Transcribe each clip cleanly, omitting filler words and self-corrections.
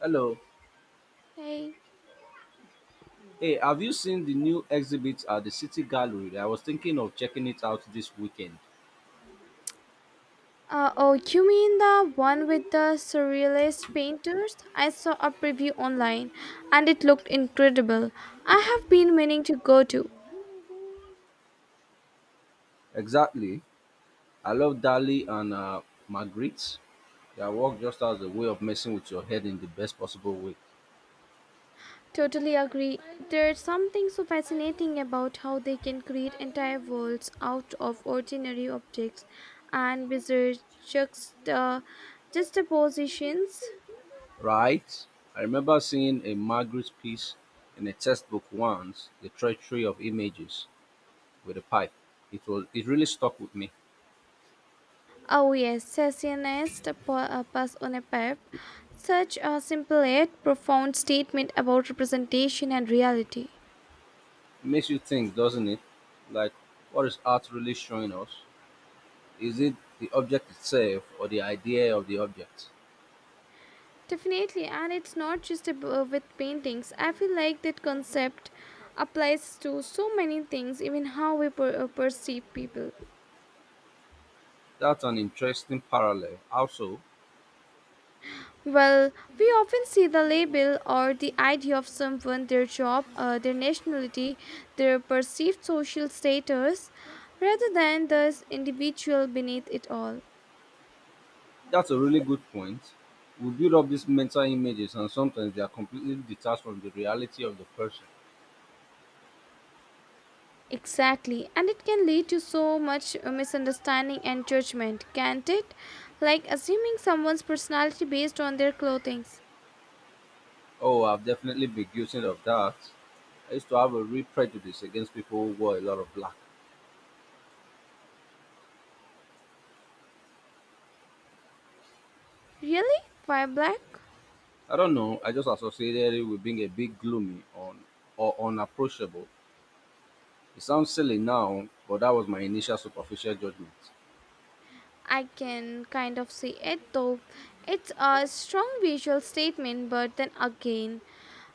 Hello. Hey. Hey, have you seen the new exhibit at the City Gallery? I was thinking of checking it out this weekend. Oh, you mean the one with the surrealist painters? I saw a preview online and it looked incredible. I have been meaning to go to. Exactly. I love Dali and Magritte. Their work just has a way of messing with your head in the best possible way. Totally agree. There's something so fascinating about how they can create entire worlds out of ordinary objects and bizarre juxta- juxtapositions. Right? I remember seeing a Magritte piece in a textbook once, The Treachery of Images, with a pipe. It really stuck with me. Oh yes, Sassionist Pass on a Pep. Such a simple yet profound statement about representation and reality. It makes you think, doesn't it? Like, what is art really showing us? Is it the object itself or the idea of the object? Definitely, and it's not just with paintings. I feel like that concept applies to so many things, even how we perceive people. That's an interesting parallel. Also, Well, we often see the label or the idea of someone, their job, their nationality, their perceived social status, rather than the individual beneath it all. that's a really good point. We build up these mental images, and sometimes they are completely detached from the reality of the person. Exactly, and it can lead to so much misunderstanding and judgment, can't it? Like assuming someone's personality based on their clothing. Oh, I've definitely been guilty of that. I used to have a real prejudice against people who wore a lot of black. Really? Why black? I don't know, I just associated it with being a bit gloomy on or unapproachable. It sounds silly now, but that was my initial superficial judgment. I can kind of see it though. It's a strong visual statement, but then again,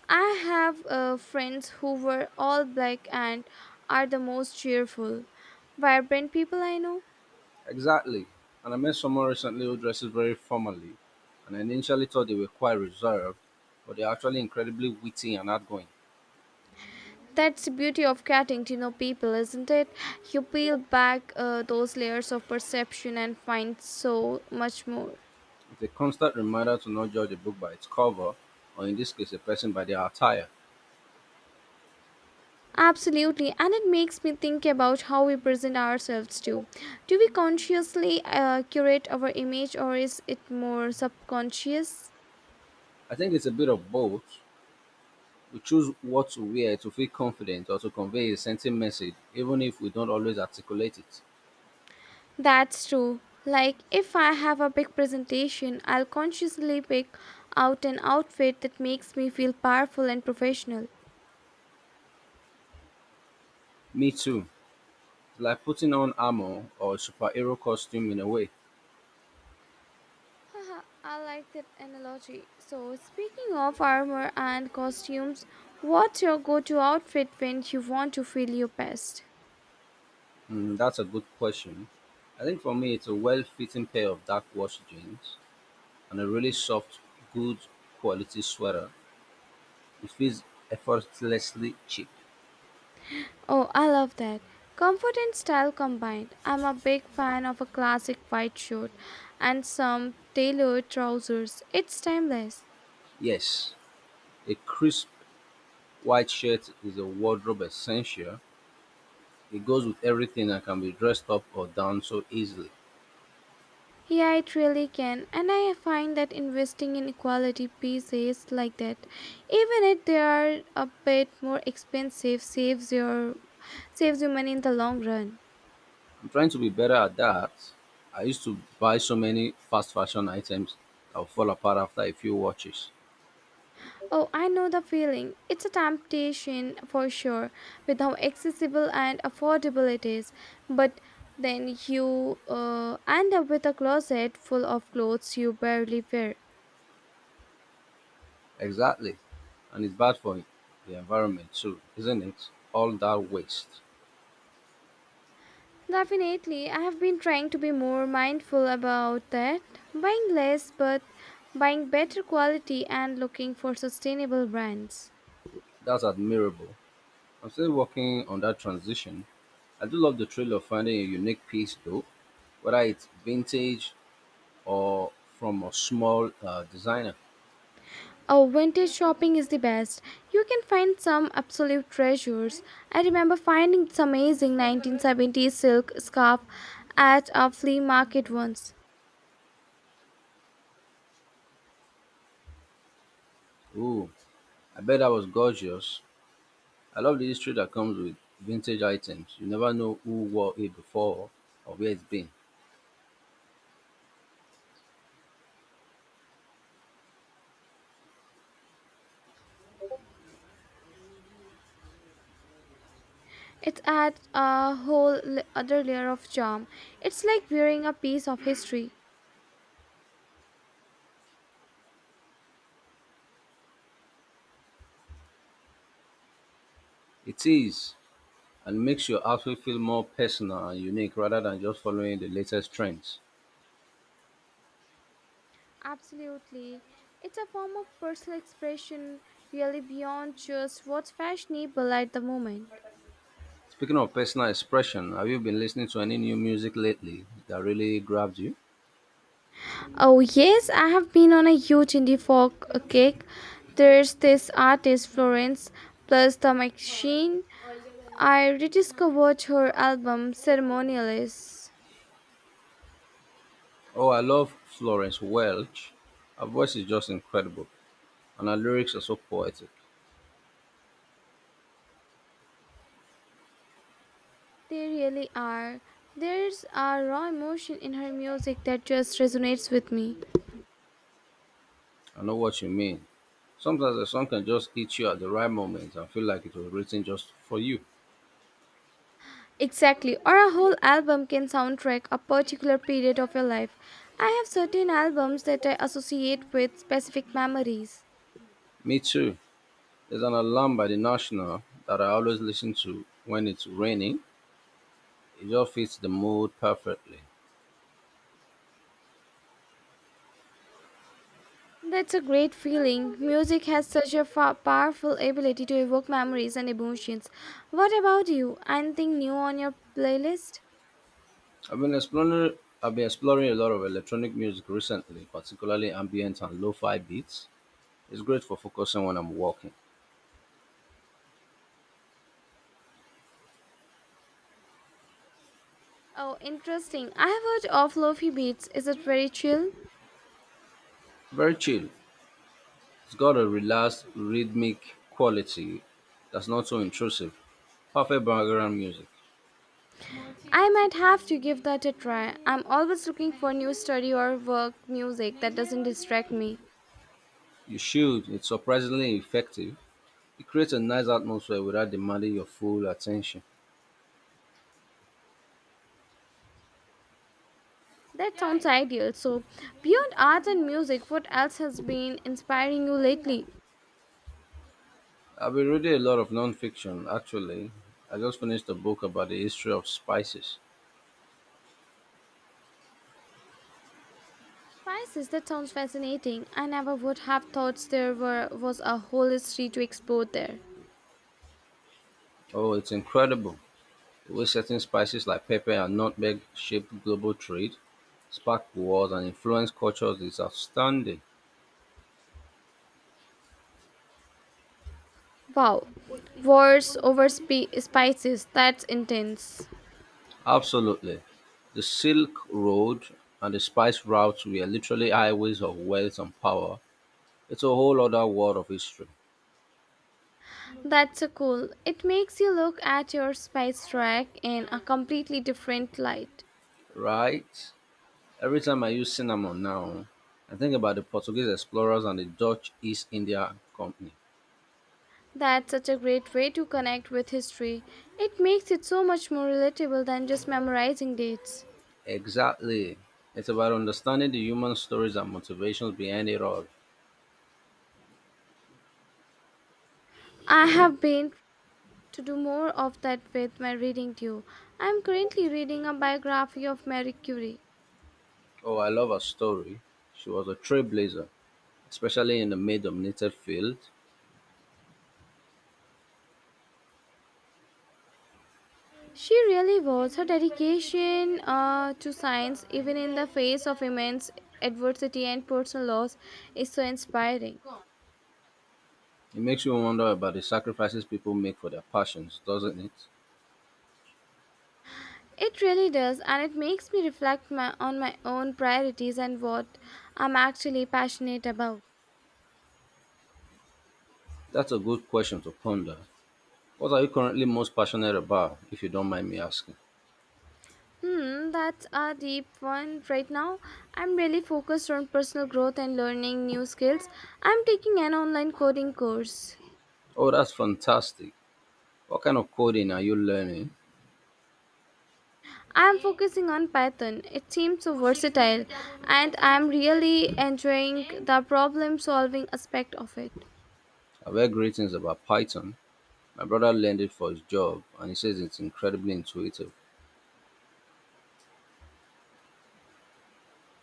I have friends who were all black and are the most cheerful, vibrant people I know. Exactly. And I met someone recently who dresses very formally, and I initially thought they were quite reserved, but they're actually incredibly witty and outgoing. That's the beauty of getting to know people, isn't it? You peel back those layers of perception and find so much more. It's a constant reminder to not judge a book by its cover, or in this case, a person by their attire. Absolutely, and it makes me think about how we present ourselves too. Do we consciously curate our image or is it more subconscious? I think it's a bit of both. We choose what to wear to feel confident or to convey a certain message, even if we don't always articulate it. That's true. Like, if I have a big presentation, I'll consciously pick out an outfit that makes me feel powerful and professional. Me too. It's like putting on armor or a superhero costume in a way. Haha, I like that analogy. So, speaking of armor and costumes, what's your go to outfit when you want to feel your best? That's a good question. I think for me, it's a well fitting pair of dark wash jeans and a really soft, good quality sweater. It feels effortlessly cheap. Oh, I love that. Comfort and style combined. I'm a big fan of a classic white shirt and some tailored trousers. It's timeless. Yes, a crisp white shirt is a wardrobe essential. It goes with everything and can be dressed up or down so easily. Yeah, it really can, and I find that investing in quality pieces like that, even if they are a bit more expensive, saves you money in the long run. I'm trying to be better at that. I used to buy so many fast fashion items that would fall apart after a few watches. Oh, I know the feeling. It's a temptation for sure, with how accessible and affordable it is. But then you end up with a closet full of clothes you barely wear. Exactly. And it's bad for the environment too, isn't it? All that waste. Definitely, I have been trying to be more mindful about that, buying less but buying better quality and looking for sustainable brands. That's admirable. I'm still working on that transition. I do love the thrill of finding a unique piece though, whether it's vintage or from a small designer. Oh, vintage shopping is the best. You can find some absolute treasures. I remember finding this amazing 1970s silk scarf at a flea market once. Ooh, I bet that was gorgeous. I love the history that comes with vintage items. You never know who wore it before or where it's been. It adds a other layer of charm. It's like wearing a piece of history. It is, and makes your outfit feel more personal and unique rather than just following the latest trends. Absolutely. It's a form of personal expression, really beyond just what's fashionable at the moment. Speaking of personal expression, have you been listening to any new music lately that really grabbed you? Oh, yes, I have been on a huge indie folk kick. There's this artist, Florence, plus the machine. I rediscovered her album, Ceremonialists. Oh, I love Florence Welch. Her voice is just incredible, and her lyrics are so poetic. They really are. There's a raw emotion in her music that just resonates with me. I know what you mean. Sometimes a song can just hit you at the right moment and feel like it was written just for you. Exactly, or a whole album can soundtrack a particular period of your life. I have certain albums that I associate with specific memories. Me too. There's an alarm by the National that I always listen to when it's raining. It just fits the mood perfectly. That's a great feeling. Music has such a powerful ability to evoke memories and emotions. What about you? Anything new on your playlist? I've been exploring a lot of electronic music recently, particularly ambient and lo-fi beats. It's great for focusing when I'm walking. Oh, interesting. I have heard of Lofi Beats. Is it very chill? Very chill. It's got a relaxed rhythmic quality that's not so intrusive. Perfect background music. I might have to give that a try. I'm always looking for new study or work music that doesn't distract me. You should. It's surprisingly effective. It creates a nice atmosphere without demanding your full attention. That sounds ideal. So, beyond art and music, what else has been inspiring you lately? I've been reading a lot of non-fiction actually. I just finished a book about the history of spices. Spices. That sounds fascinating. I never would have thought there were was a whole history to explore there. Oh, it's incredible. Which certain spices like pepper and nutmeg shaped global trade, sparked wars, and influenced cultures is outstanding. Wow, wars over spices. That's intense. Absolutely. The Silk Road and the spice routes were literally highways of wealth and power. It's a whole other world of history, That's so cool. It makes you look at your spice rack in a completely different light. right? Every time I use cinnamon now, I think about the Portuguese explorers and the Dutch East India Company. That's such a great way to connect with history. It makes it so much more relatable than just memorizing dates. Exactly. It's about understanding the human stories and motivations behind it all. I have been to do more of that with my reading too. I'm currently reading a biography of Marie Curie. Oh, I love her story. She was a trailblazer, especially in the male dominated field. She really was. Her dedication to science, even in the face of immense adversity and personal loss, is so inspiring. It makes you wonder about the sacrifices people make for their passions, doesn't it? It really does, and it makes me on my own priorities and what I'm actually passionate about. That's a good question to ponder. What are you currently most passionate about, if you don't mind me asking? Hmm, that's a deep one right now. I'm really focused on personal growth and learning new skills. I'm taking an online coding course. Oh, that's fantastic. What kind of coding are you learning? I am focusing on Python. It seems so versatile, and I am really enjoying the problem solving aspect of it. I've heard great things about Python. My brother learned it for his job, and he says it's incredibly intuitive.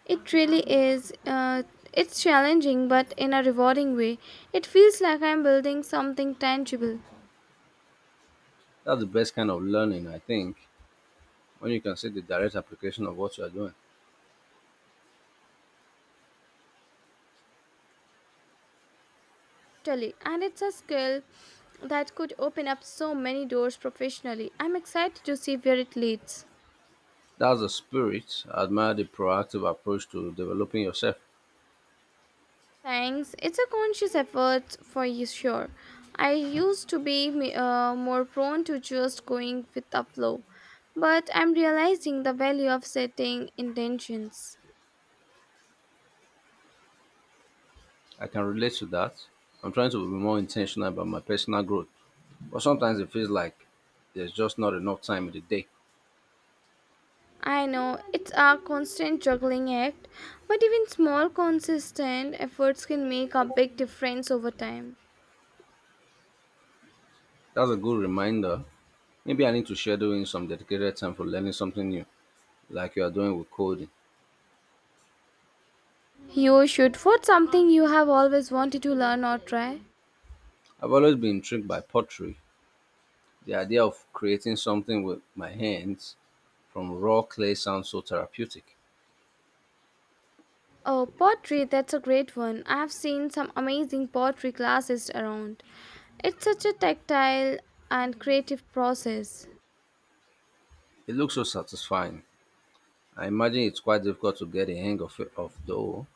It really is. It's challenging, but in a rewarding way. It feels like I am building something tangible. That's the best kind of learning, I think, when you can see the direct application of what you are doing. Totally. And it's a skill that could open up so many doors professionally. I'm excited to see where it leads. That's the spirit. I admire the proactive approach to developing yourself. Thanks. It's a conscious effort for you, sure. I used to be more prone to just going with the flow, but I'm realizing the value of setting intentions. I can relate to that. I'm trying to be more intentional about my personal growth, but sometimes it feels like there's just not enough time in the day. I know it's a constant juggling act, but even small, consistent efforts can make a big difference over time. That's a good reminder. Maybe I need to schedule in some dedicated time for learning something new, like you are doing with coding. You should. What's something you have always wanted to learn or try? I've always been intrigued by pottery. The idea of creating something with my hands from raw clay sounds so therapeutic. Oh, pottery, that's a great one. I've seen some amazing pottery classes around. It's such a tactile and creative process. It looks so satisfying. I imagine it's quite difficult to get a hang of it, of though.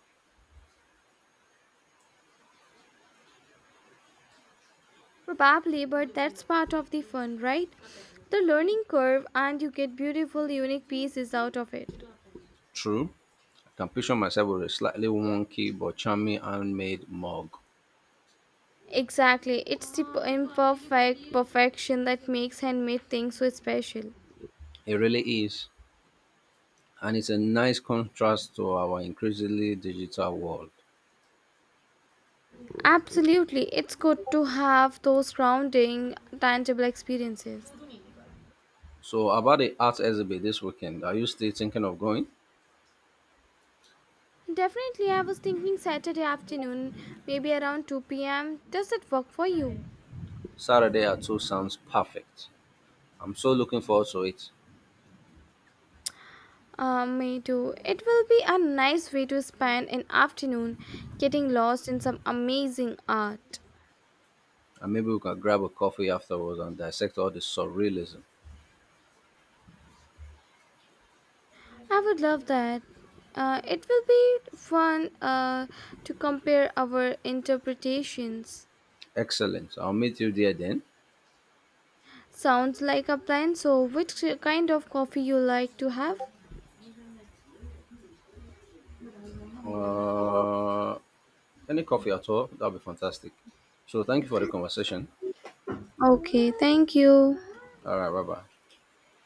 Probably, but that's part of the fun, right? The learning curve, and you get beautiful, unique pieces out of it. True, I can picture myself with a slightly wonky but charming handmade mug. Exactly, it's the imperfect perfection that makes handmade things so special. It really is, and it's a nice contrast to our increasingly digital world. Absolutely, it's good to have those grounding, tangible experiences. So, about the art exhibit this weekend, are you still thinking of going? Definitely, I was thinking Saturday afternoon, maybe around 2 pm. Does that work for you? Saturday at 2 p.m. sounds perfect. I'm so looking forward to it. Me too. It will be a nice way to spend an afternoon getting lost in some amazing art. And maybe we can grab a coffee afterwards and dissect all the surrealism. I would love that. It will be fun to compare our interpretations. Excellent. I'll meet you there then. Sounds like a plan. So, which kind of coffee you like to have? Uh, any coffee at all? That'll be fantastic. So, thank you for the conversation. Okay, thank you. All right, bye bye.